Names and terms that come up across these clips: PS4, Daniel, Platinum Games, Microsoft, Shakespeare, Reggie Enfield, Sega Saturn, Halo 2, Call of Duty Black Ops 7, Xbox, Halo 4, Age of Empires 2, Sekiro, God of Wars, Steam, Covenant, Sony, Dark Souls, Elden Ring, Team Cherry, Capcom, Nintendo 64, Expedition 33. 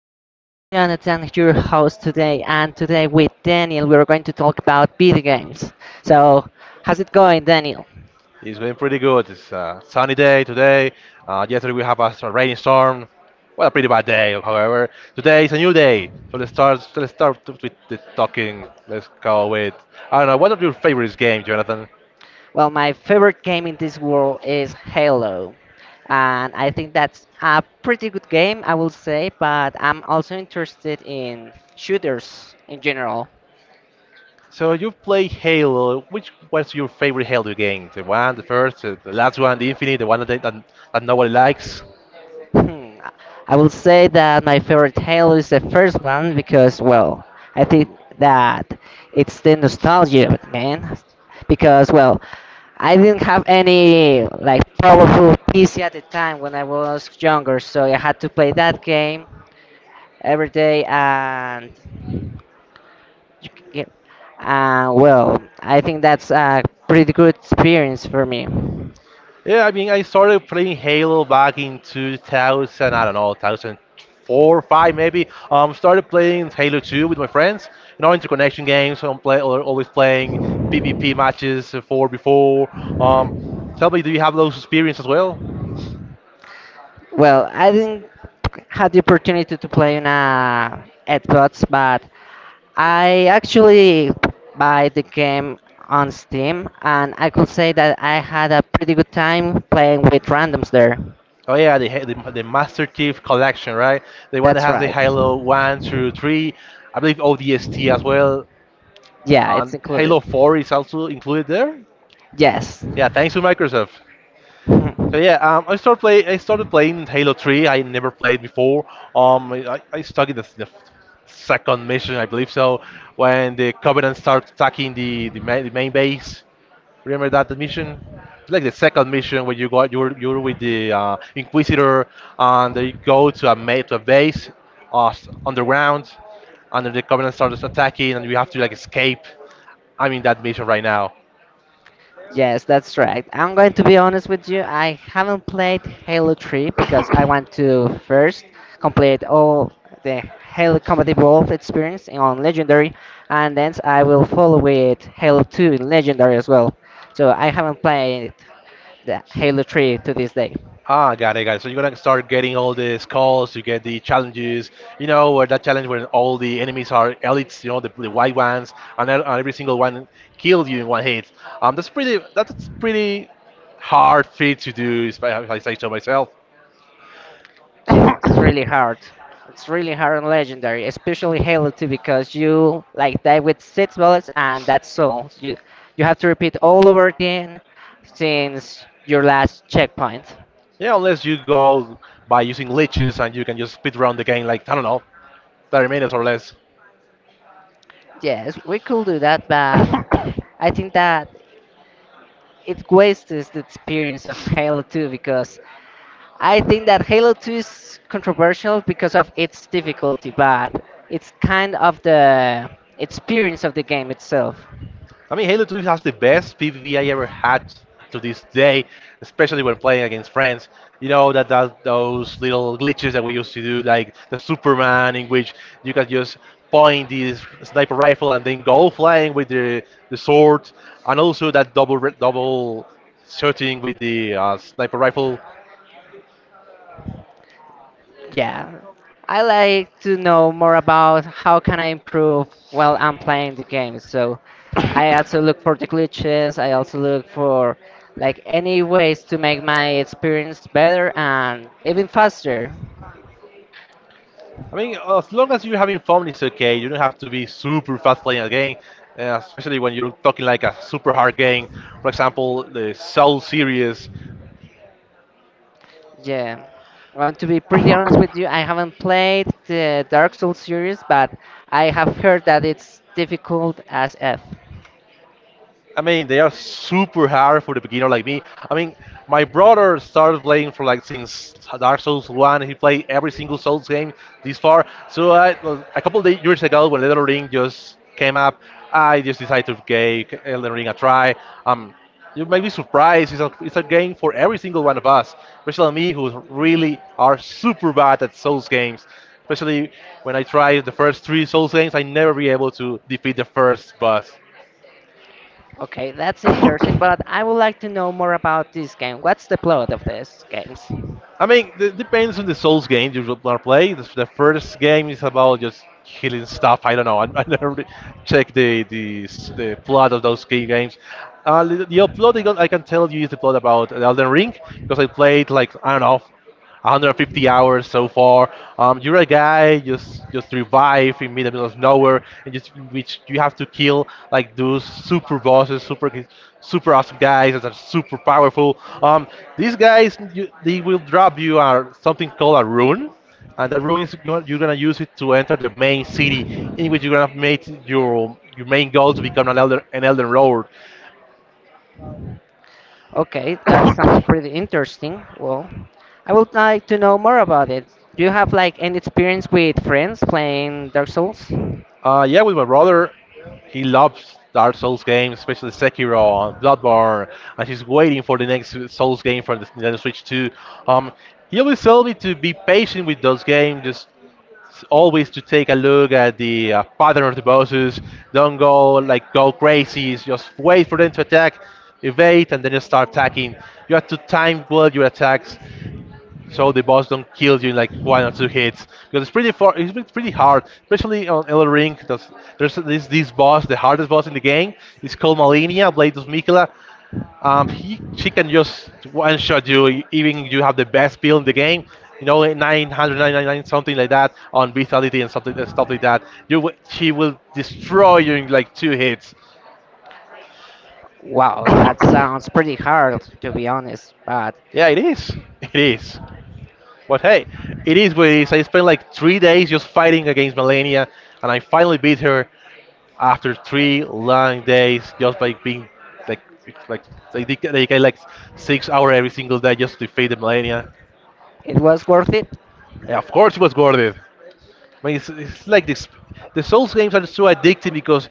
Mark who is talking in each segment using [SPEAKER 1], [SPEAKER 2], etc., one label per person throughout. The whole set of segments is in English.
[SPEAKER 1] Here is Jonathan, your host today, and today with Daniel, we are going to talk about video games. So, how's it going, Daniel?
[SPEAKER 2] It's been pretty good. It's a sunny day today. Yesterday we have a rainstorm. Well, a pretty bad day, however. Today is a new day. So let's start. With the talking. Let's go with. I don't know. What are your favorite games, Jonathan?
[SPEAKER 1] Well, my favorite game in this world is Halo, and I think that's a pretty good game, I will say, but I'm also interested in shooters in general.
[SPEAKER 2] So you play Halo. Which was your favorite Halo game? The one, the first, the last one, the Infinite, the one that nobody likes.
[SPEAKER 1] Hmm, I will say that my favorite tale is the first one because, well, I think that it's the nostalgia of it, man. Because, well, I didn't have any like powerful PC at the time when I was younger, so I had to play that game every day, and you c- get, well, I think that's a pretty good experience for me.
[SPEAKER 2] Yeah, I mean, I started playing Halo back in 2000, I don't know, 2004, 5 maybe. Started playing Halo 2 with my friends. You know, interconnection games. So always playing PvP matches for before. Um, Tell me, do you have those experience as well?
[SPEAKER 1] Well, I didn't had the opportunity to play on a Xbox, but I actually buy the game on Steam, and I could say that I had a pretty good time playing with randoms there.
[SPEAKER 2] Oh yeah, the, Ha- the Master Chief Collection, right? The one that
[SPEAKER 1] That's
[SPEAKER 2] has the
[SPEAKER 1] right.
[SPEAKER 2] Halo 1 through 3, I believe ODST as well.
[SPEAKER 1] Yeah, it's included.
[SPEAKER 2] Halo 4 is also included there.
[SPEAKER 1] Yes.
[SPEAKER 2] Yeah, thanks to Microsoft. So yeah, I started playing Halo 3. I never played before. I stuck in the
[SPEAKER 1] Mhm.
[SPEAKER 2] second mission, I believe so,
[SPEAKER 1] When
[SPEAKER 2] when
[SPEAKER 1] the
[SPEAKER 2] the
[SPEAKER 1] Covenant
[SPEAKER 2] Covenant
[SPEAKER 1] start
[SPEAKER 2] start attacking
[SPEAKER 1] attacking
[SPEAKER 2] the
[SPEAKER 1] the base,
[SPEAKER 2] main, the main
[SPEAKER 1] they
[SPEAKER 2] base. Remember that mission? It's like the second mission where you got you're with the
[SPEAKER 1] consider
[SPEAKER 2] Inquisitor, and
[SPEAKER 1] the
[SPEAKER 2] they go
[SPEAKER 1] gold
[SPEAKER 2] to
[SPEAKER 1] they
[SPEAKER 2] to a
[SPEAKER 1] have
[SPEAKER 2] base,
[SPEAKER 1] on the round.
[SPEAKER 2] underground, and then the
[SPEAKER 1] They
[SPEAKER 2] Covenant
[SPEAKER 1] start
[SPEAKER 2] starts
[SPEAKER 1] attacking,
[SPEAKER 2] attacking, and
[SPEAKER 1] and
[SPEAKER 2] we
[SPEAKER 1] you
[SPEAKER 2] have
[SPEAKER 1] have
[SPEAKER 2] to
[SPEAKER 1] to like
[SPEAKER 2] like
[SPEAKER 1] escape.
[SPEAKER 2] escape. I'm in that mission right now.
[SPEAKER 1] Yes, that's right. I'm going to be honest with you. I haven't played Halo 3 because I want to first complete all the Halo Combat Evolved experience on Legendary, and then I will follow with Halo 2 in Legendary as well. So I haven't played the Halo 3 to this day.
[SPEAKER 2] Ah, got it. So you're gonna start getting all the skulls, you get the challenges, you know, where that challenge where all the enemies are elites, you know, the white ones, and every single one kills you in one hit. That's pretty hard feat to do, if I say so myself.
[SPEAKER 1] Yeah, it's really hard. It's really hard and legendary, especially Halo 2 because you like die with six bullets and that's all. You have to repeat all over again since your last checkpoint.
[SPEAKER 2] Yeah, unless you go by using leeches and you can just speed run the game like, I don't know, 30 minutes or less.
[SPEAKER 1] Yes, we could do that, but I think that it wastes the experience of Halo 2 because I think that Halo 2 is controversial because of its difficulty, but it's kind of the experience of the game itself.
[SPEAKER 2] I mean, Halo 2 has the best PvP I ever had to this day, especially when playing against friends. You know that, that those little glitches that we used to do, like the Superman, in which you can just point this sniper rifle and then go flying with the sword, and also that double shooting with the sniper rifle.
[SPEAKER 1] Yeah, I like to know more about how can I improve while I'm playing the game. So I also look for the glitches. I also look for like any ways to make my experience better and even faster.
[SPEAKER 2] I mean, as long as you're having fun, it's okay. You don't have to be super fast playing a game, especially when you're talking like a super hard game. For example, the Soul series.
[SPEAKER 1] Yeah, I'm going to be pretty honest with you. I haven't played the Dark Souls series, but I have heard that it's difficult as F.
[SPEAKER 2] I mean, they are super hard for the beginner like me. I mean, my brother started playing for like since Dark Souls One. He played every single Souls game this far. So well, a couple of years ago, when Elden Ring just came up, I just decided to give Elden Ring a try. Um, you may be surprised. It's a game for every single one of us, especially me, who really are super bad at Souls games. Especially when I tried the first three Souls games, I never be able to defeat the first boss.
[SPEAKER 1] Okay, that's interesting, but I would like to know more about this game. What's the plot of this games?
[SPEAKER 2] I mean, it depends on the Souls games you will wanna play. The first game is about just killing stuff. I don't know. I never really check the plot of those key games. The plot I can tell you is the plot about Elden Ring because I played like I don't know 150 hours so far. You're a guy just revive in the middle of nowhere, and just which you have to kill like those super bosses, super awesome guys that are super powerful. These guys you, they will drop you are something called a rune, and that rune is you're gonna use it to enter the main city in which you're gonna make your main goal to become an elder lord.
[SPEAKER 1] Okay, that sounds pretty interesting. Well, I would like to know more about it. Do you have like any experience with friends playing Dark Souls?
[SPEAKER 2] Yeah, with my brother, he loves Dark Souls games, especially Sekiro and Bloodborne, and he's waiting for the next Souls game for the Nintendo Switch 2. Um, he always tells me to be patient with those games, just always to take a look at the pattern of the bosses. Don't go like go crazy. Just wait for them to attack, evade, and then you start attacking. You have to time well your attacks so the boss don't kill you in like one or two hits because it's been pretty hard, especially on Elden Ring. 'Cause there's this boss, the hardest boss in the game, it's called Malenia, Blade of Mikula. He She can just one shot you, even you have the best build in the game, you know, like 999 something like that on vitality and something and stuff like that. She will destroy you in like two hits.
[SPEAKER 1] Wow, that sounds pretty hard to be honest, but
[SPEAKER 2] Yeah, it is. But hey, it is what it is. I spent like 3 days just fighting against Melania, and I finally beat her after three long days just by being like like they dedicate like 6 hours every single day just to defeat the Melania.
[SPEAKER 1] it was worth it.
[SPEAKER 2] And of course, it was worth it. I mean, it's like this. The Souls games are so addictive because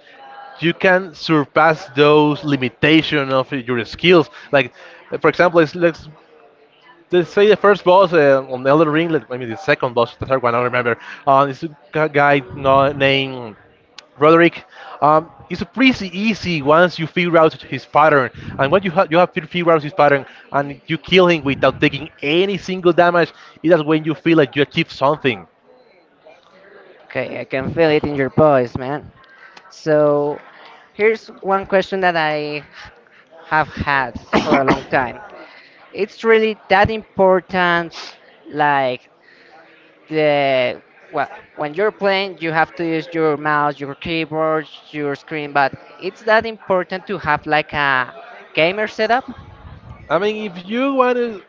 [SPEAKER 2] you can surpass those limitation of your skills. Like, for example, let's. They say the first boss on Elden Ring, like, maybe the second boss, the third one, I don't remember. Guy no, named Roderick. It's pretty easy once you figure out his pattern, and when you have to figure out his pattern, and you kill him without taking any single damage. It is when you feel like you achieve something.
[SPEAKER 1] Okay, I can feel it in your voice, man. So, here's one question that I have had for a long time. It's really that important, like the well when you're playing you have to use your mouse, your keyboard, your screen, but it's that important to have like a gamer setup?
[SPEAKER 2] I mean, if you want to,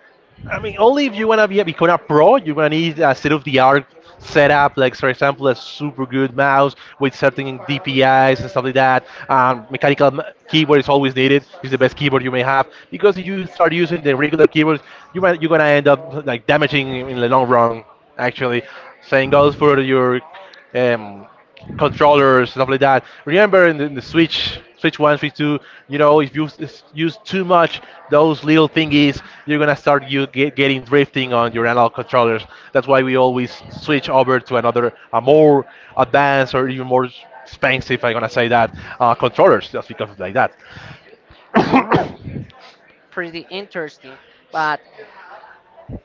[SPEAKER 2] I mean, only if you want to become a pro, you're gonna need a state-of-the-art setup, like for example, a super good mouse with certain DPIs and stuff like that. Keyboard is always needed. It's the best keyboard you may have because if you start using the regular keyboards, you're gonna end up like damaging in the long run. Actually, same goes for your um, controllers stuff like that. Remember in the Switch, Switch One, Switch Two, you know, if you use too much those little thingies, you're gonna getting drifting on your analog controllers. That's why we always switch over to another a more advanced or even more expensive, if I'm gonna say that, controllers just because of like that. I
[SPEAKER 1] mm, Pretty interesting, but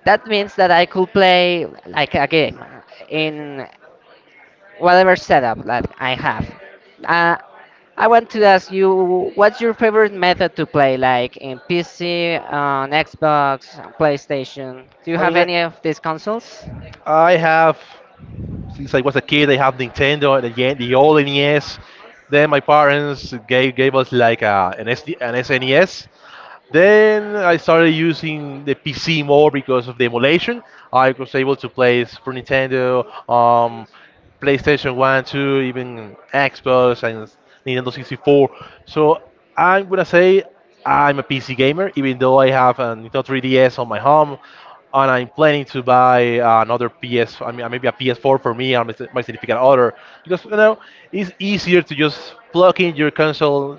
[SPEAKER 1] that means that I could play like a game in whatever setup that I have. uh, I want to ask you, what's your favorite method to play, like in PC, on Xbox, on PlayStation? Do you have
[SPEAKER 2] mean,
[SPEAKER 1] any of these consoles?
[SPEAKER 2] I have. It's like was a kid they have Nintendo and the old NES. Then my parents gave us like an SD, an SNES. Then I started using the PC more because of the emulation. I was able to play Super Nintendo, PlayStation 1, 2, even Xbox and Nintendo 64. So I'm gonna say I'm a PC gamer, even though I have a Nintendo 3DS on my home, and I'm planning to buy another PS. I mean, maybe a PS4 for me and my significant other, because you know it's easier to just plug in your console,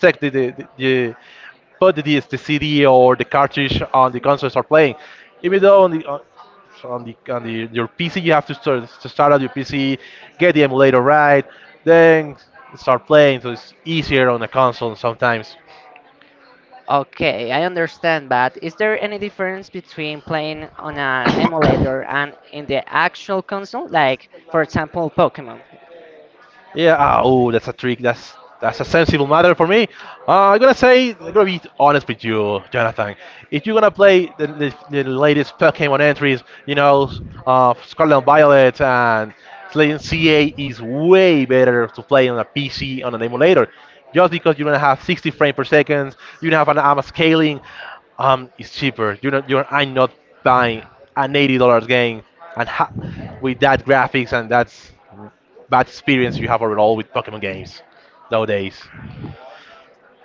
[SPEAKER 2] take the, put disc, the CD or the cartridge on the console and start playing. Even though on the your PC you have to start out your PC, get the emulator right, then start playing. So it's easier on a console sometimes.
[SPEAKER 1] Okay, I understand, but is there any difference between playing on an emulator and in the actual console? Like, for example, Pokemon.
[SPEAKER 2] Yeah. Ah, oh, that's a trick. That's a sensible matter for me. I'm gonna be honest with you, Jonathan. If you're gonna play the latest Pokemon entries, you know, Scarlet and Violet and Slaying CA is way better to play on a PC on an emulator, just because you're gonna have 60 frames per second, you have an AMA scaling. It's cheaper. You're not. You're. I'm not buying an $80 game and ha- with that graphics and that's bad experience you have overall with Pokemon games nowadays.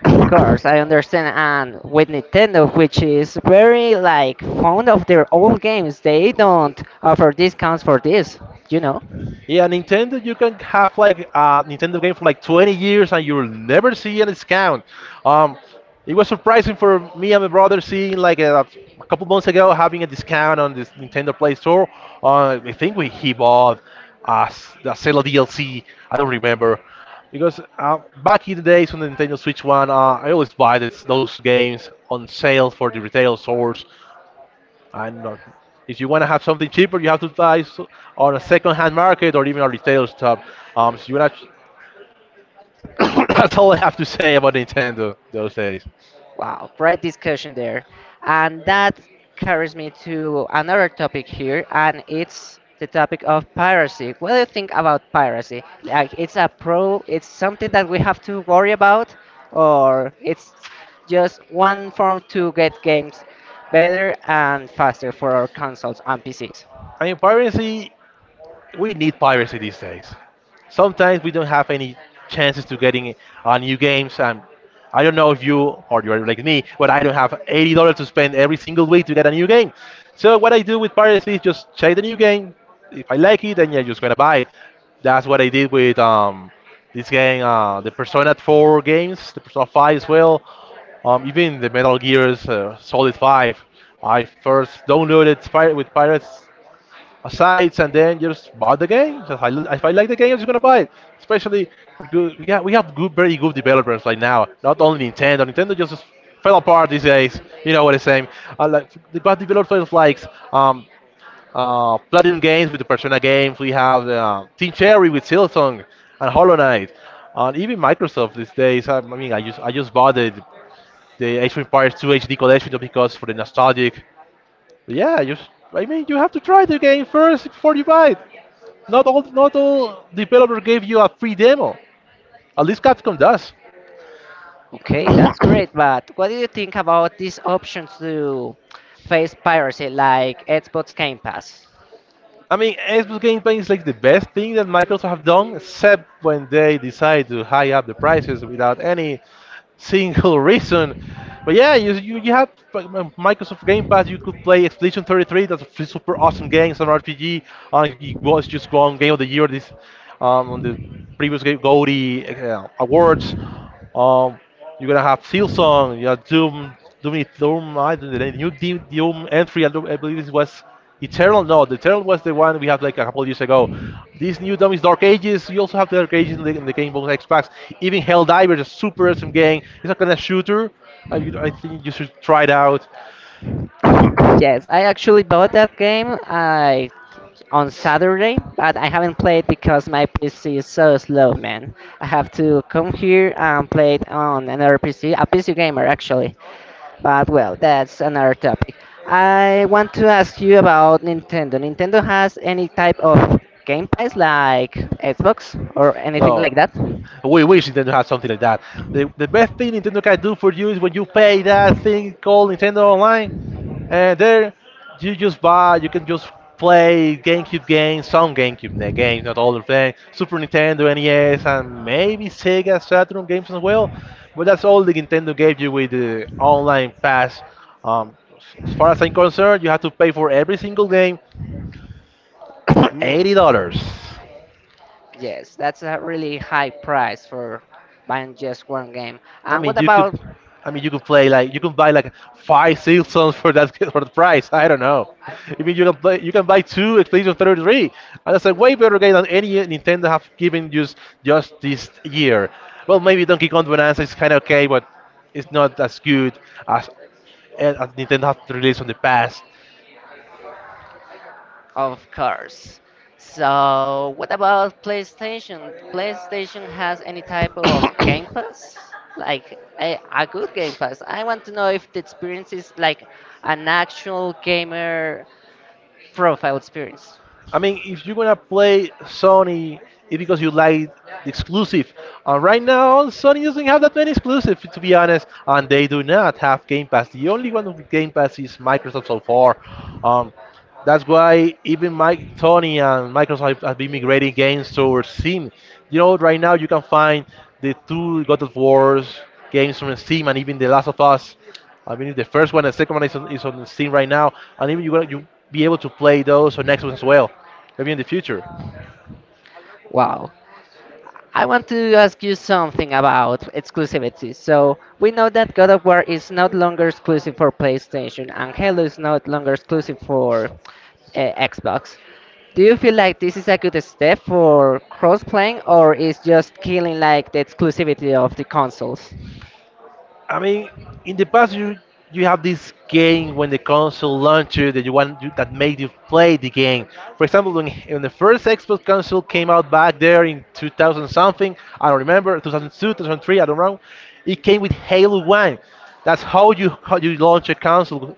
[SPEAKER 1] Of course, I understand. And with Nintendo, which is very like fond of their old games, they don't offer discounts for this, you know?
[SPEAKER 2] Yeah, Nintendo, you can have like a Nintendo game for like 20 years and you'll never see a discount. Um, it was surprising for me and my brother seeing like a couple months ago having a discount on this Nintendo Play Store. I think we He bought a Zelda DLC. I don't remember because back in the days on the Nintendo Switch One, I always buy those games on sale for the retail stores, I'm not. If you want to have something cheaper, you have to on a second-hand market or even a retail shop. So you want to. That's all I have to say about Nintendo those days.
[SPEAKER 1] Wow, great discussion there. And that carries me to another topic here, and it's the topic of piracy. What do you think about piracy? Like, it's a pro, it's something that we have to worry about, or it's just one form to get games better and faster for our consoles and PCs?
[SPEAKER 2] I mean, piracy we need piracy these days. Sometimes we don't have any chances to getting new games. And I don't know if you or you're like me, but I don't have $80 to spend every single week to get a new game. So what I do with piracy is just check the new game. If I like it, then yeah, just gonna buy it. That's what I did with this game, the Persona 4 games, the Persona 5 as well, even the Metal Gear's Solid 5. I first downloaded with Pirates asides and then just buy the game. So if I like the game, I'm just gonna buy it. Especially for good, yeah, we have good, very good developers right now. Not only Nintendo. Nintendo just fell apart these days. You know what I'm saying? I like the bad developers like um, Platinum Games with the Persona games. We have Team Cherry with Silksong and Hollow Knight. And even Microsoft these days. I mean, I just bought the Age of Empires 2 HD collection just because for the nostalgic. But yeah, just I mean, you have to try the game first before you buy it. Not all developer gave you a free demo. At least Capcom does.
[SPEAKER 1] Okay, that's great, but what do you think about these options to face piracy like Xbox Game Pass?
[SPEAKER 2] I mean, Xbox Game Pass is like the best thing that Microsoft have done, except when they decide to high up the prices without any single reason. But yeah, you have like, Microsoft Game Pass. You could play Expedition 33. That's super awesome game. It's an RPG. It was just won Game of the Year this on the previous game, Goldie Awards. Um, you're gonna have Silsong. You have Doom. Doom, I don't know, the new Doom entry. I, don't, I believe it was. Eternal, no, the Eternal was the one we had like a couple of years ago. These new dummies, Dark Ages, you also have the Dark Ages in in the game bonus X packs. Even Helldivers, a super awesome game. It's not kind of shooter. I think you should try it out.
[SPEAKER 1] Yes, I actually bought that game on Saturday, but I haven't played because my PC is so slow, man. I have to come here and play it on another PC, a PC gamer actually. But well, that's another topic. I want to ask you about Nintendo. Nintendo has any type of game pass like Xbox or anything
[SPEAKER 2] No,
[SPEAKER 1] like that?
[SPEAKER 2] we wish Nintendo had something like that. The best thing Nintendo can do for you is when you pay that thing called Nintendo Online, and there you just buy, you can just play GameCube games, some games, not all the thing, Super Nintendo, NES, and maybe Sega Saturn games as well. But that's all the Nintendo gave you with the online pass. Um, as far as I'm concerned, you have to pay for every single game, $80.
[SPEAKER 1] Mm. Yes, that's a really high price for buying just one game.
[SPEAKER 2] I
[SPEAKER 1] And
[SPEAKER 2] mean,
[SPEAKER 1] what
[SPEAKER 2] you could,
[SPEAKER 1] about—
[SPEAKER 2] I mean, you could play like you can buy like five seasons for that for the price. I don't know. I mean, you can play, you can buy two Expedition 33, and that's a way better game than any Nintendo have given you just this year. Well, maybe Donkey Kong Bonanza is kind of okay, but it's not as good as, as Nintendo have released in the past.
[SPEAKER 1] Of course. So, what about PlayStation? PlayStation has any type of Game Pass? Like a good Game Pass. I want to know if the experience is like an actual gamer profile experience.
[SPEAKER 2] I mean, if you're gonna play Sony, it's because you like the exclusive. And right now, Sony doesn't have that many exclusive, to be honest, and they do not have Game Pass. The only one with Game Pass is Microsoft so far. Um, that's why even Mike, Sony and Microsoft have been migrating games towards Steam. You know, right now you can find the two God of Wars games from Steam and even The Last of Us I mean, the first one and the second one is on the Steam right now, and even you be able to play those on Xbox as well, maybe in the future.
[SPEAKER 1] Wow. I want to ask you something about exclusivity. So, we know that God of War is not longer exclusive for PlayStation and Halo is not longer exclusive for Xbox. Do you feel like this is a good step for cross-playing or is just killing like the exclusivity of the consoles?
[SPEAKER 2] I mean, in the past you have this game when the console launches that that made you play the game. For example, when the first Xbox console came out back there in 2000 something, I don't remember 2002, 2003, I don't know. It came with Halo One. That's how you launch a console.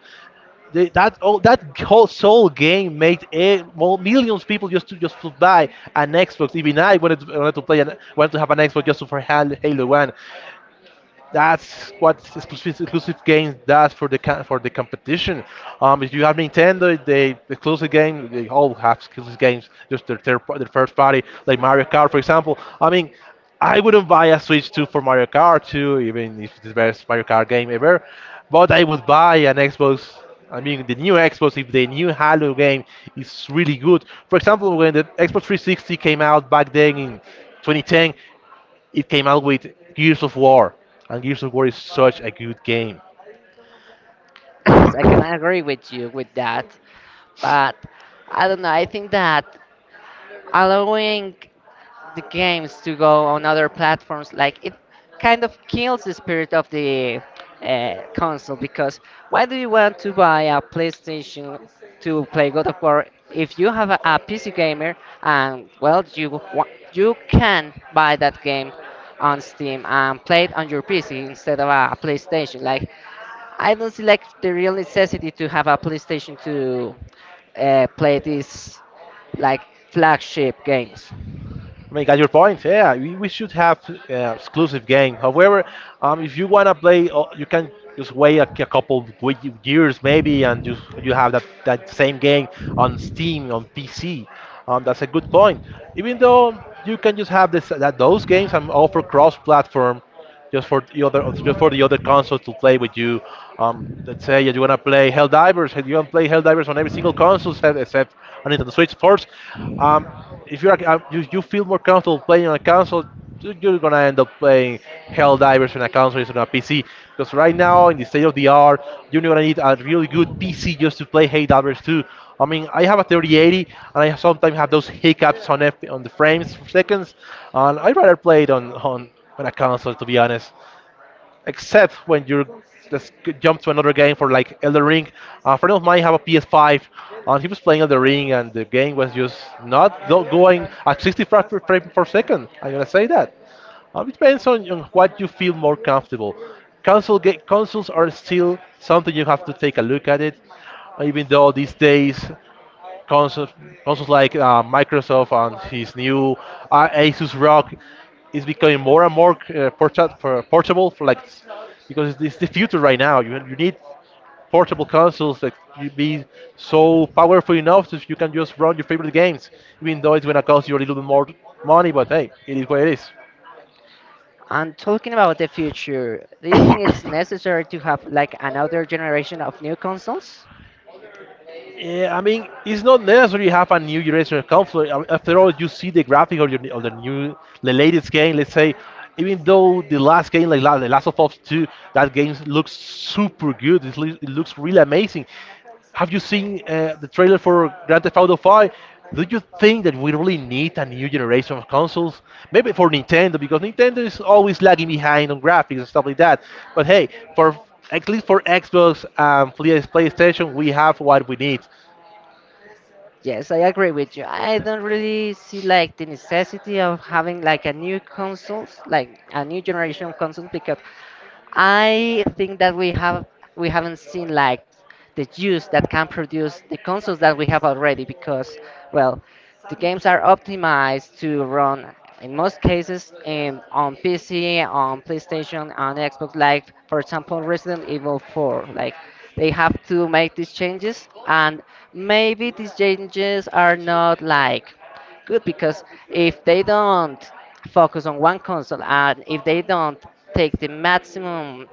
[SPEAKER 2] That all that whole soul game made a, well, millions of people just to buy an Xbox. Even I wanted to, wanted to have an Xbox just for Halo One. That's what exclusive games does for the for the competition. If you have Nintendo, they exclusive game, they all have exclusive games, just their their first party, like Mario Kart, for example. I mean, I wouldn't buy a Switch 2 for Mario Kart 2, even if it's the best Mario Kart game ever, but I would buy an Xbox. I mean, the new Xbox, if the new Halo game is really good. For example, when the Xbox 360 came out back then in 2010, it came out with Gears of War, and Gears of War is such a good game.
[SPEAKER 1] Yes, I can agree with you with that. But I don't know, I think that allowing the games to go on other platforms like it kind of kills the spirit of the console, because why do you want to buy a PlayStation to play God of War if you have a PC gamer and you can buy that game on Steam and play it on your PC instead of a PlayStation? Like, I don't see like the real necessity to have a PlayStation to play this like flagship games.
[SPEAKER 2] I mean, got your point. Yeah, we should have exclusive game. However, if you wanna play, you can just wait a couple of years maybe, and you have that same game on Steam on PC. That's a good point. Even though you can just have this that those games and offer cross-platform, just for the other consoles to play with you. Let's say you wanna play Helldivers, you wanna play Helldivers on every single console except on Nintendo Switch, of course. Um, if you're you feel more comfortable playing on a console, you're gonna end up playing Helldivers on a console instead of a PC. Because right now in the state of the art, you're gonna need a really good PC just to play Helldivers too. I mean, I have a 3080, and I sometimes have those hiccups on on the frames for seconds, and I'd rather play it on a console, to be honest. Except when you're jump to another game for like Elder Ring. A friend of mine have a PS5, and he was playing Elder Ring, and the game was just not go- going at 60 frame per second. I'm gonna say that. It depends on what you feel more comfortable. Consoles are still something you have to take a look at it, even though these days consoles, consoles like Microsoft and his new Asus ROG is becoming more and more portable for like because it's the future right now. You need portable consoles that you be so powerful enough that you can just run your favorite games, even though it's gonna cost you a little bit more money. But hey, it is what it is.
[SPEAKER 1] And talking about the future, do you think it's necessary to have like another generation of new consoles?
[SPEAKER 2] Yeah, I mean, it's not necessary you have a new generation console. I mean, after all, you see the graphic of the new, the latest game. Let's say, even though the last game, like The Last of Us 2, that game looks super good. It looks really amazing. Have you seen the trailer for Grand Theft Auto 5? Do you think that we really need a new generation of consoles? Maybe for Nintendo, because Nintendo is always lagging behind on graphics and stuff like that. But hey, for at least for Xbox and PS- PlayStation, we have what we need.
[SPEAKER 1] Yes, I agree with you. I don't really see like the necessity of having like a new consoles, like a new generation of consoles, because I think that we have, we haven't seen like the use that can produce the consoles that we have already, because well, the games are optimized to run in most cases on PC, on PlayStation, on Xbox. Like for example, Resident Evil 4. Like they have to make these changes, and maybe these changes are not like good because if they don't focus on one console and if they don't take the maximum,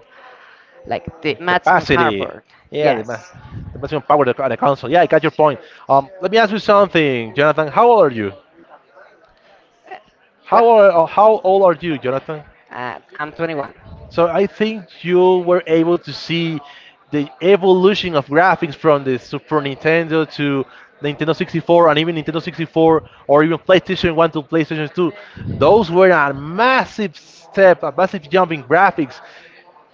[SPEAKER 1] like the maximum
[SPEAKER 2] Capacity.
[SPEAKER 1] hardware—
[SPEAKER 2] Yeah,
[SPEAKER 1] Yes.
[SPEAKER 2] the maximum power of of the console. Yeah, I got your point. Let me ask you something, Jonathan. How old are you?
[SPEAKER 1] What?
[SPEAKER 2] How old are you, Jonathan?
[SPEAKER 1] I'm 21.
[SPEAKER 2] So I think you were able to see the evolution of graphics from the Super Nintendo to Nintendo 64 and even Nintendo 64 or even PlayStation 1 to PlayStation 2. Those were a massive step, a massive jump in graphics.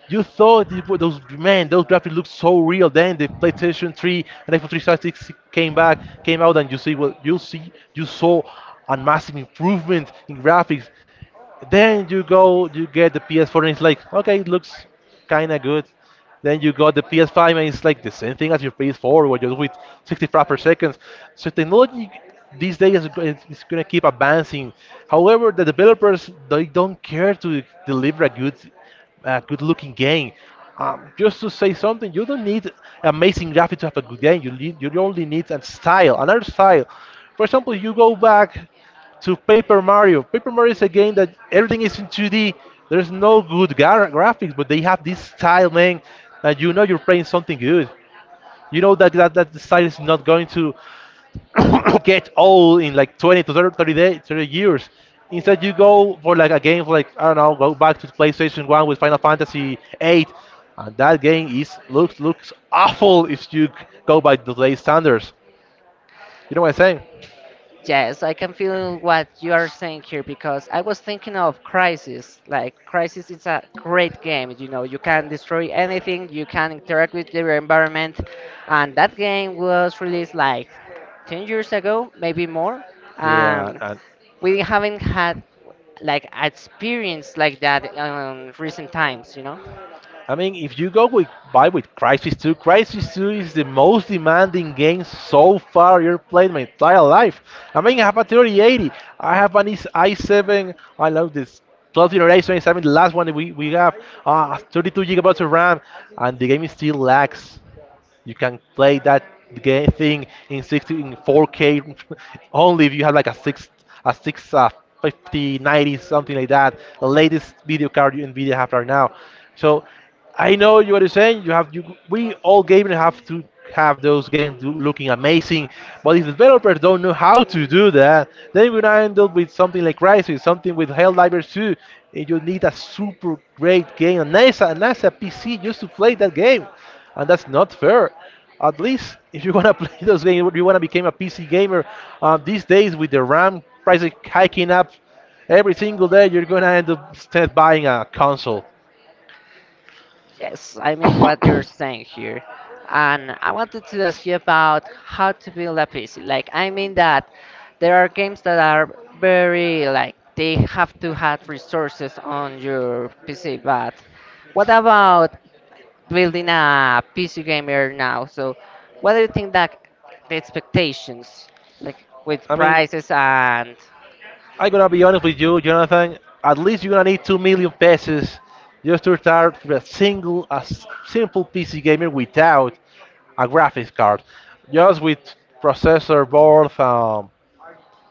[SPEAKER 2] You thought those man, those graphics looked so real. Then the PlayStation 3 and Xbox 360 came out, and you see. You saw a massive improvement in graphics. Then you go, you get the PS4, and it's like, okay, it looks kind of good. Then you got the PS5, and it's like the same thing as your PS4, where you're with 60 frames per second. So technology these days is, go- is gonna keep advancing. However, the developers they don't care to deliver a good, a good-looking game. Just to say something, you don't need amazing graphics to have a good game. You only need a style, another style. For example, you go back to Paper Mario. Paper Mario is a game that everything is in 2D. There's no graphics, but they have this style, man, that you know you're playing something good. You know that the style is not going to get old in like 20 to 30 years. Instead, you go for like a game like I don't know, go back to PlayStation One with Final Fantasy VIII, and that game is looks looks awful if you go by today's standards. You know what I'm saying?
[SPEAKER 1] Yes, I can feel what you are saying here because I was thinking of Crisis. Like, Crisis is a great game. You know, you can destroy anything, you can interact with your environment. And that game was released like 10 years ago, maybe more. And
[SPEAKER 2] Yeah,
[SPEAKER 1] we haven't had like experience like that in recent times, you know?
[SPEAKER 2] I mean, if you go with buy with Crisis 2 is the most demanding game so far you've played my entire life. I mean, I have a 3080, I have an i7. I love this 12th generation i7, the last one that we have, 32 gigabytes of RAM, and the game is still lags. You can play that game thing in 60 in 4K only if you have like a six 50 90 something like that, the latest video card you Nvidia have right now. So I know you are saying you have you we all gamers have to have those games looking amazing, but if the developers don't know how to do that, then we're gonna end up with something like Crysis, something with Helldivers 2. And you need a super great game, a NASA PC just to play that game, and that's not fair. At least if you want to play those games, you want to become a PC gamer. These days with the RAM prices hiking up every single day, you're gonna end up instead buying a console.
[SPEAKER 1] Yes, I mean what you're saying here. And I wanted to ask you about how to build a PC. Like, I mean that there are games that are very, like, they have to have resources on your PC, but what about building a PC gamer now? So, what do you think that the expectations, like, with
[SPEAKER 2] I mean,
[SPEAKER 1] prices and—
[SPEAKER 2] I'm gonna be honest with you, Jonathan. At least you're gonna need 2 million pesos just to start with a simple PC gamer without a graphics card, just with processor, board,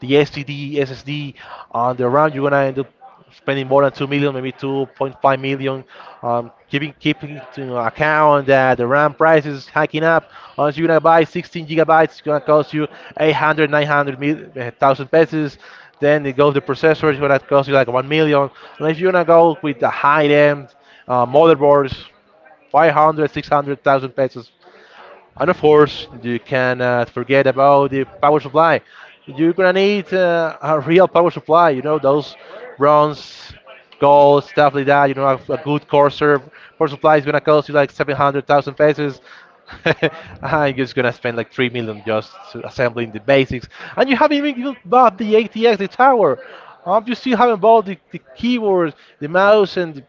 [SPEAKER 2] the SSD on the RAM. You're gonna end up spending more than 2 million, maybe 2.5 million. Keeping to account that the RAM price is hiking up. Once you're gonna buy 16 gigabytes, it's gonna cost you 800, eh, pesos. Then it goes the processor, it's gonna cost you like 1 million. And if you're gonna go with the high end motherboards, 500, 600,000 pesos. And of course, you cannot forget about the power supply. You're gonna need a real power supply. You know those bronze, gold stuff like that. You know a good Corsair power supply is gonna cost you like 700,000 pesos. I'm just gonna spend like 3 million just to assembling the basics, and you haven't even bought the ATX, the tower. You still haven't bought the keyboard, the mouse, and the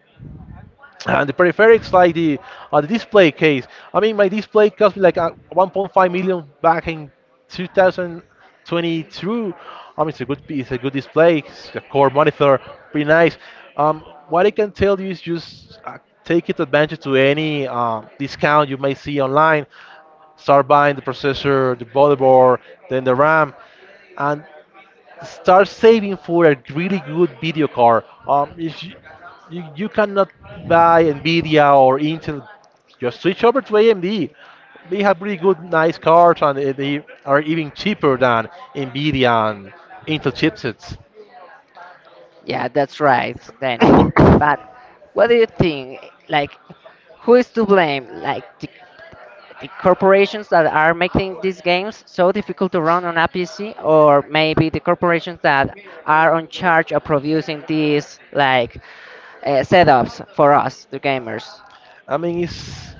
[SPEAKER 2] and the peripheric's like the display case. I mean, my display cost me like 1.5 million back in 2022. I mean, it's a good display. It's a core monitor, pretty nice. Um, what I can tell you is just take it advantage to any discount you may see online. Start buying the processor, the motherboard, then the RAM, and start saving for a really good video card. If you cannot buy Nvidia or Intel, just switch over to AMD. They have really good, nice cards, and they are even cheaper than Nvidia and Intel chipsets.
[SPEAKER 1] Yeah, that's right, Daniel. But what do you think? Like, who is to blame? Like the corporations that are making these games so difficult to run on a PC, or maybe the corporations that are on charge of producing these like setups for us, the gamers?
[SPEAKER 2] I mean, it's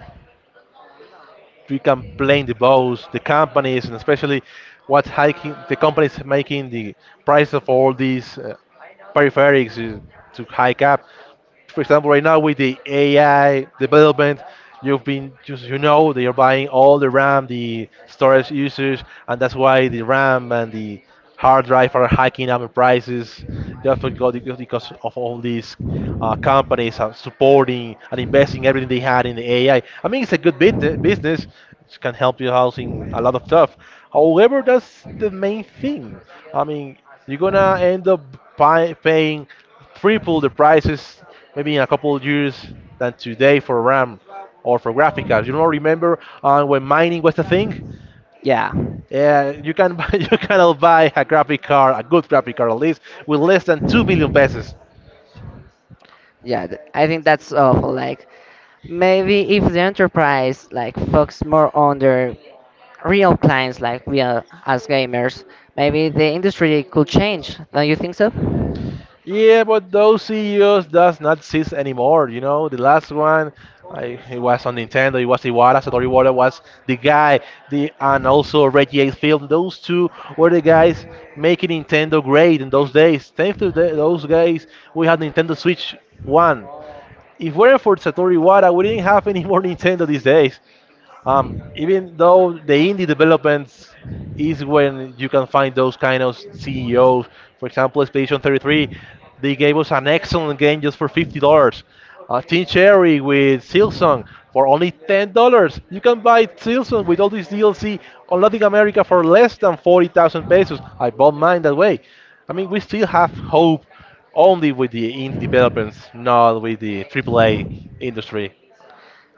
[SPEAKER 2] we can blame the boss, the companies, and especially what's hiking the companies making the price of all these peripherals is to hike up. For example, right now with the AI development, you've been just you know they are buying all the RAM, the storage usage, and that's why the RAM and the hard drive are hiking up in prices. Just because of all these companies are supporting and investing everything they had in the AI. I mean, it's a good business. It can help you housing a lot of stuff. However, that's the main thing. I mean, you're gonna end up paying triple the prices maybe in a couple of years than today for RAM or for graphic cards. You don't remember when mining was a thing?
[SPEAKER 1] Yeah,
[SPEAKER 2] Yeah, you cannot buy a graphic card, a good graphic card at least, with less than 2 million pesos.
[SPEAKER 1] I think that's awful. Like maybe if the enterprise like focus more on their real clients, like we are as gamers, maybe the industry could change. Don't you think so?
[SPEAKER 2] Yeah, but those CEOs does not exist anymore. You know, the last one, it was on Nintendo. It was Iwata. Satoru Iwata was the guy. The and also Reggie Enfield. Those two were the guys making Nintendo great in those days. Thanks to those guys, we had Nintendo Switch One. If weren't for Satoru Iwata, we didn't have any more Nintendo these days. Even though the indie developments is when you can find those kind of CEOs. For example, Expedition 33, they gave us an excellent game just for $50. Team Cherry with Silsong for only $10. You can buy Silsong with all this DLC on Latin America for less than 40,000 pesos. I bought mine that way. I mean, we still have hope only with the indie developments, not with the AAA industry.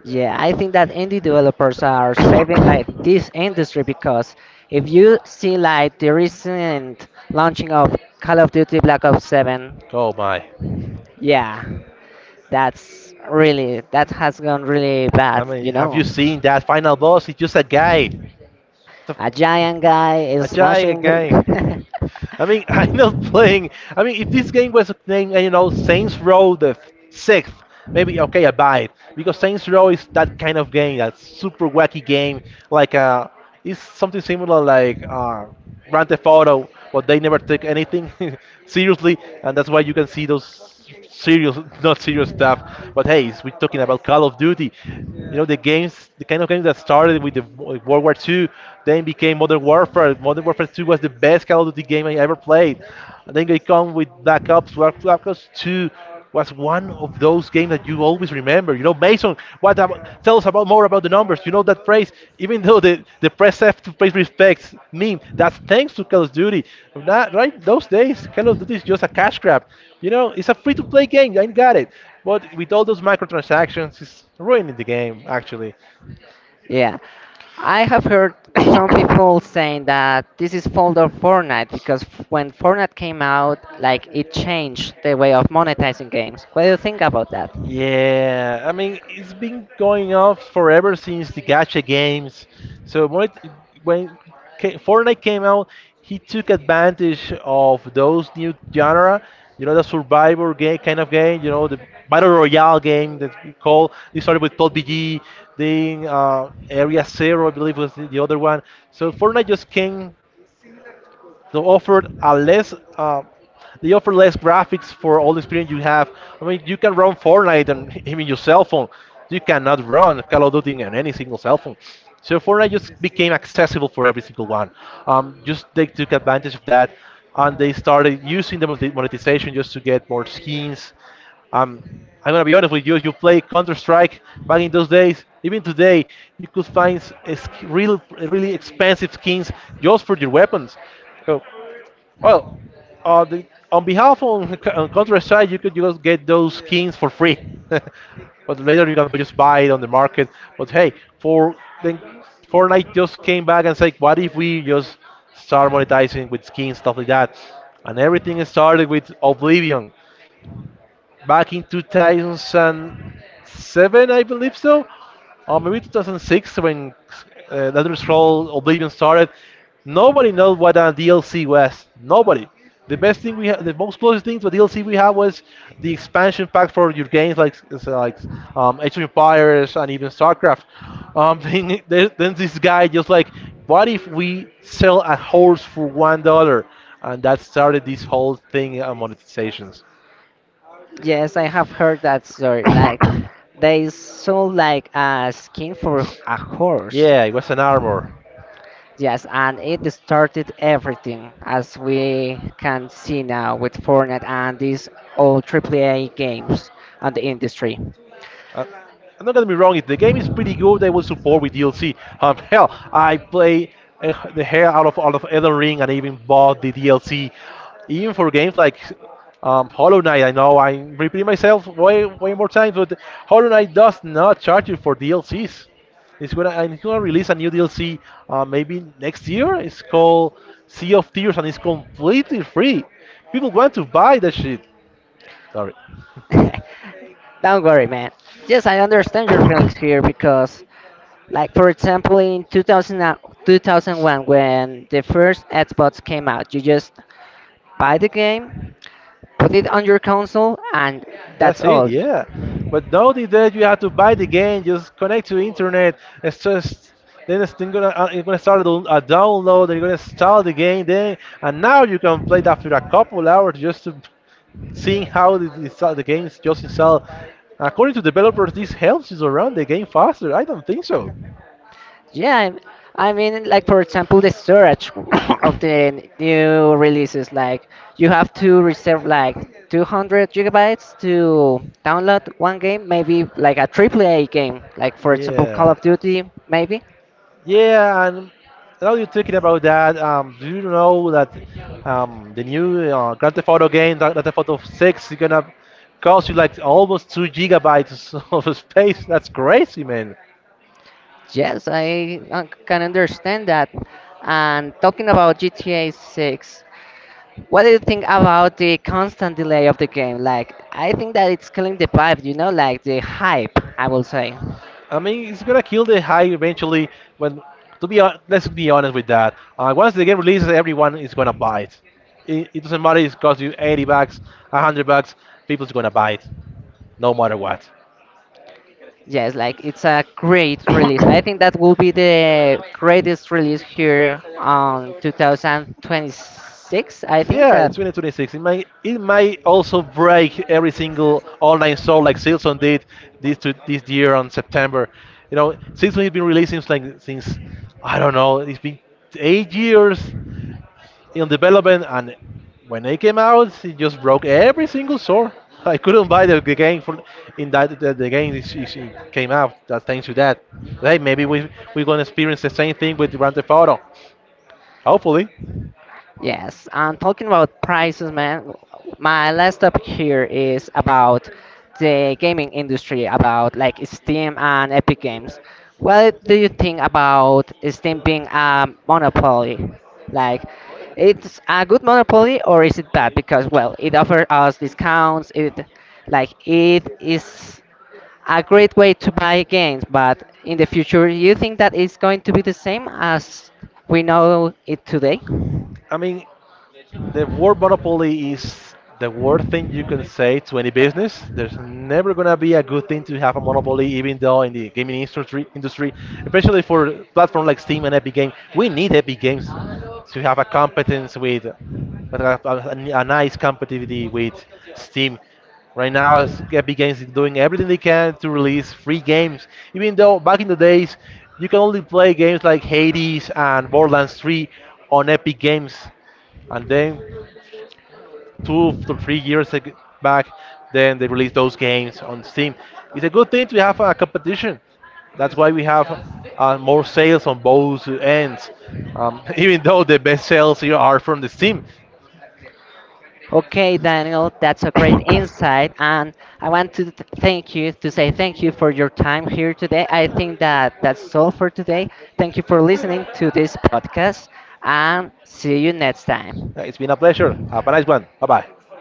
[SPEAKER 1] Yeah, I think that indie developers are saving like this industry because if you see like the recent launching of Call of Duty Black Ops 7,
[SPEAKER 2] Oh my.
[SPEAKER 1] yeah, that's really that has gone really
[SPEAKER 2] I
[SPEAKER 1] bad,
[SPEAKER 2] mean,
[SPEAKER 1] you
[SPEAKER 2] have you
[SPEAKER 1] know.
[SPEAKER 2] seen that final boss? It's just a guy, it's a,
[SPEAKER 1] A giant guy
[SPEAKER 2] a
[SPEAKER 1] is smashing
[SPEAKER 2] giant guy.
[SPEAKER 1] the—
[SPEAKER 2] I mean, I'm not playing. I mean, if this game was named, Saints Row the sixth, maybe okay, I buy it because Saints Row is that kind of game, that super wacky game. Like, it's something similar like Grand Theft Auto, but they never take anything seriously, and that's why you can see those serious, not serious stuff. But hey, we're talking about Call of Duty. You know, the kind of games that started with the World War II, then became Modern Warfare. Modern Warfare 2 was the best Call of Duty game I ever played. And then they come with Black Ops. Black Ops 2 was one of those games that you always remember. You know, Mason, tell us about more about the numbers. You know that phrase, even though the press have to pay respects meme, that's thanks to Call of Duty. That, right? Those days, Call of Duty is just a cash grab. You know, it's a free to play game. I got it. But with all those microtransactions, it's ruining the game, actually.
[SPEAKER 1] Yeah, I have heard some people saying that this is fault of Fortnite because when Fortnite came out, like it changed the way of monetizing games. What do you think about that?
[SPEAKER 2] Yeah, I mean, it's been going on forever since the gacha games. So when Fortnite came out, he took advantage of those new genre. You know the survivor game kind of game. You know the battle royale game that we call. They started with PUBG, then Area Zero, I believe was the other one. So Fortnite just came, they offered a less. They offer less graphics for all the experience you have. I mean, you can run Fortnite on even your cell phone. You cannot run Call of Duty on any single cell phone. So Fortnite just became accessible for every single one. Just they took advantage of that, and they started using the monetization just to get more skins. Um, I'm gonna be honest with you. If you play Counter Strike back in those days, even today, you could find really expensive skins just for your weapons. So well, on, the, on behalf on Counter Strike, you could just get those skins for free. But later you can just buy it on the market. But hey, for then Fortnite just came back and said, what if we just start monetizing with skins stuff like that? And everything started with Oblivion back in 2007, I believe so, or maybe 2006 when Elder Scrolls Oblivion started. Nobody knows what a DLC was. Nobody. The best thing we had, the most closest thing to a DLC we had was the expansion pack for your games like Age of Empires and even StarCraft. Um, then, then this guy just like, what if we sell a horse for $1? And that started this whole thing on monetizations.
[SPEAKER 1] Yes, I have heard that story. Like they sold like a skin for a horse.
[SPEAKER 2] Yeah, it was an armor.
[SPEAKER 1] Yes, and it started everything as we can see now with Fortnite and these old AAA games on the industry.
[SPEAKER 2] Uh, I'm not gonna be wrong. If the game is pretty good, they will support with DLC. Hell, I play the hell out of Elden Ring and even bought the DLC. Even for games like Hollow Knight, I know I'm repeating myself way way more times, but Hollow Knight does not charge you for DLCs. It's gonna release a new DLC maybe next year. It's called Sea of Tears and it's completely free. People want to buy that shit. Sorry.
[SPEAKER 1] Don't worry, man. Yes, I understand your feelings here because, like, for example, in 2001, when the first Xbox came out, you just buy the game, put it on your console, and that's
[SPEAKER 2] That's it,
[SPEAKER 1] all.
[SPEAKER 2] yeah. But now the day you have to buy the game, just connect to internet. It's just then it's then gonna You're gonna start a download, and you're gonna install the game then, and now you can play it after a couple hours just to seeing how the game's just installed. According to developers, this helps you to run the game faster. I don't think so.
[SPEAKER 1] Yeah, I mean, like, for example, the storage of the new releases, like, you have to reserve, like, 200 gigabytes to download one game, maybe like a AAA game, like, for example, Call
[SPEAKER 2] Yeah.
[SPEAKER 1] of Duty, maybe.
[SPEAKER 2] Yeah, and now you're talking about that. Do you know that the new Grand Theft Auto game, Grand Theft Auto 6, is gonna cost you like almost 2 gigabytes of space? That's crazy, man.
[SPEAKER 1] Yes, I can understand that. And talking about GTA 6, what do you think about the constant delay of the game? Like, I think that it's killing the vibe, you know, like the hype, I will say.
[SPEAKER 2] I mean, it's gonna kill the hype eventually. When to be hon- Let's be honest with that. Once the game releases, everyone is gonna buy it. It doesn't matter if it costs you 80 bucks, 100 bucks. People's gonna buy it, no matter what.
[SPEAKER 1] Yes, like it's a great release. I think that will be the greatest release here on 2026. I
[SPEAKER 2] So
[SPEAKER 1] think
[SPEAKER 2] yeah,
[SPEAKER 1] that.
[SPEAKER 2] it's 2026. It might also break every single online store like Silson did this year on September. You know, Silson has been releasing since I don't know. It's been 8 years in development, and when it came out, it just broke every single store. I couldn't buy the game for in that the game it came out. That's thanks to that. Hey, maybe we're gonna experience the same thing with Grand Theft Auto. Hopefully.
[SPEAKER 1] Yes, and talking about prices, man, my last topic here is about the gaming industry, about like Steam and Epic Games. What do you think about Steam being a monopoly? Like, it's a good monopoly or is it bad? Because, well, it offers us discounts, it like it is a great way to buy games, but in the future, you think that it's going to be the same as we know it today?
[SPEAKER 2] I mean, the word monopoly is the worst thing you can say to any business. There's never gonna be a good thing to have a monopoly, even though in the gaming industry, especially for platforms like Steam and Epic Games, we need Epic Games to have a competence with a nice competitivity with Steam. Right now, Epic Games is doing everything they can to release free games, even though back in the days you can only play games like Hades and Borderlands 3 on Epic Games, and then 2 to 3 years back, then they released those games on Steam. It's a good thing to have a competition. That's why we have more sales on both ends, even though the best sales here are from the Steam.
[SPEAKER 1] Okay, Daniel, that's a great insight, and I want to thank you to say thank you for your time here today. I think that that's all for today. Thank you for listening to this podcast, and see you next time.
[SPEAKER 2] It's been a pleasure. Have a nice one. Bye bye.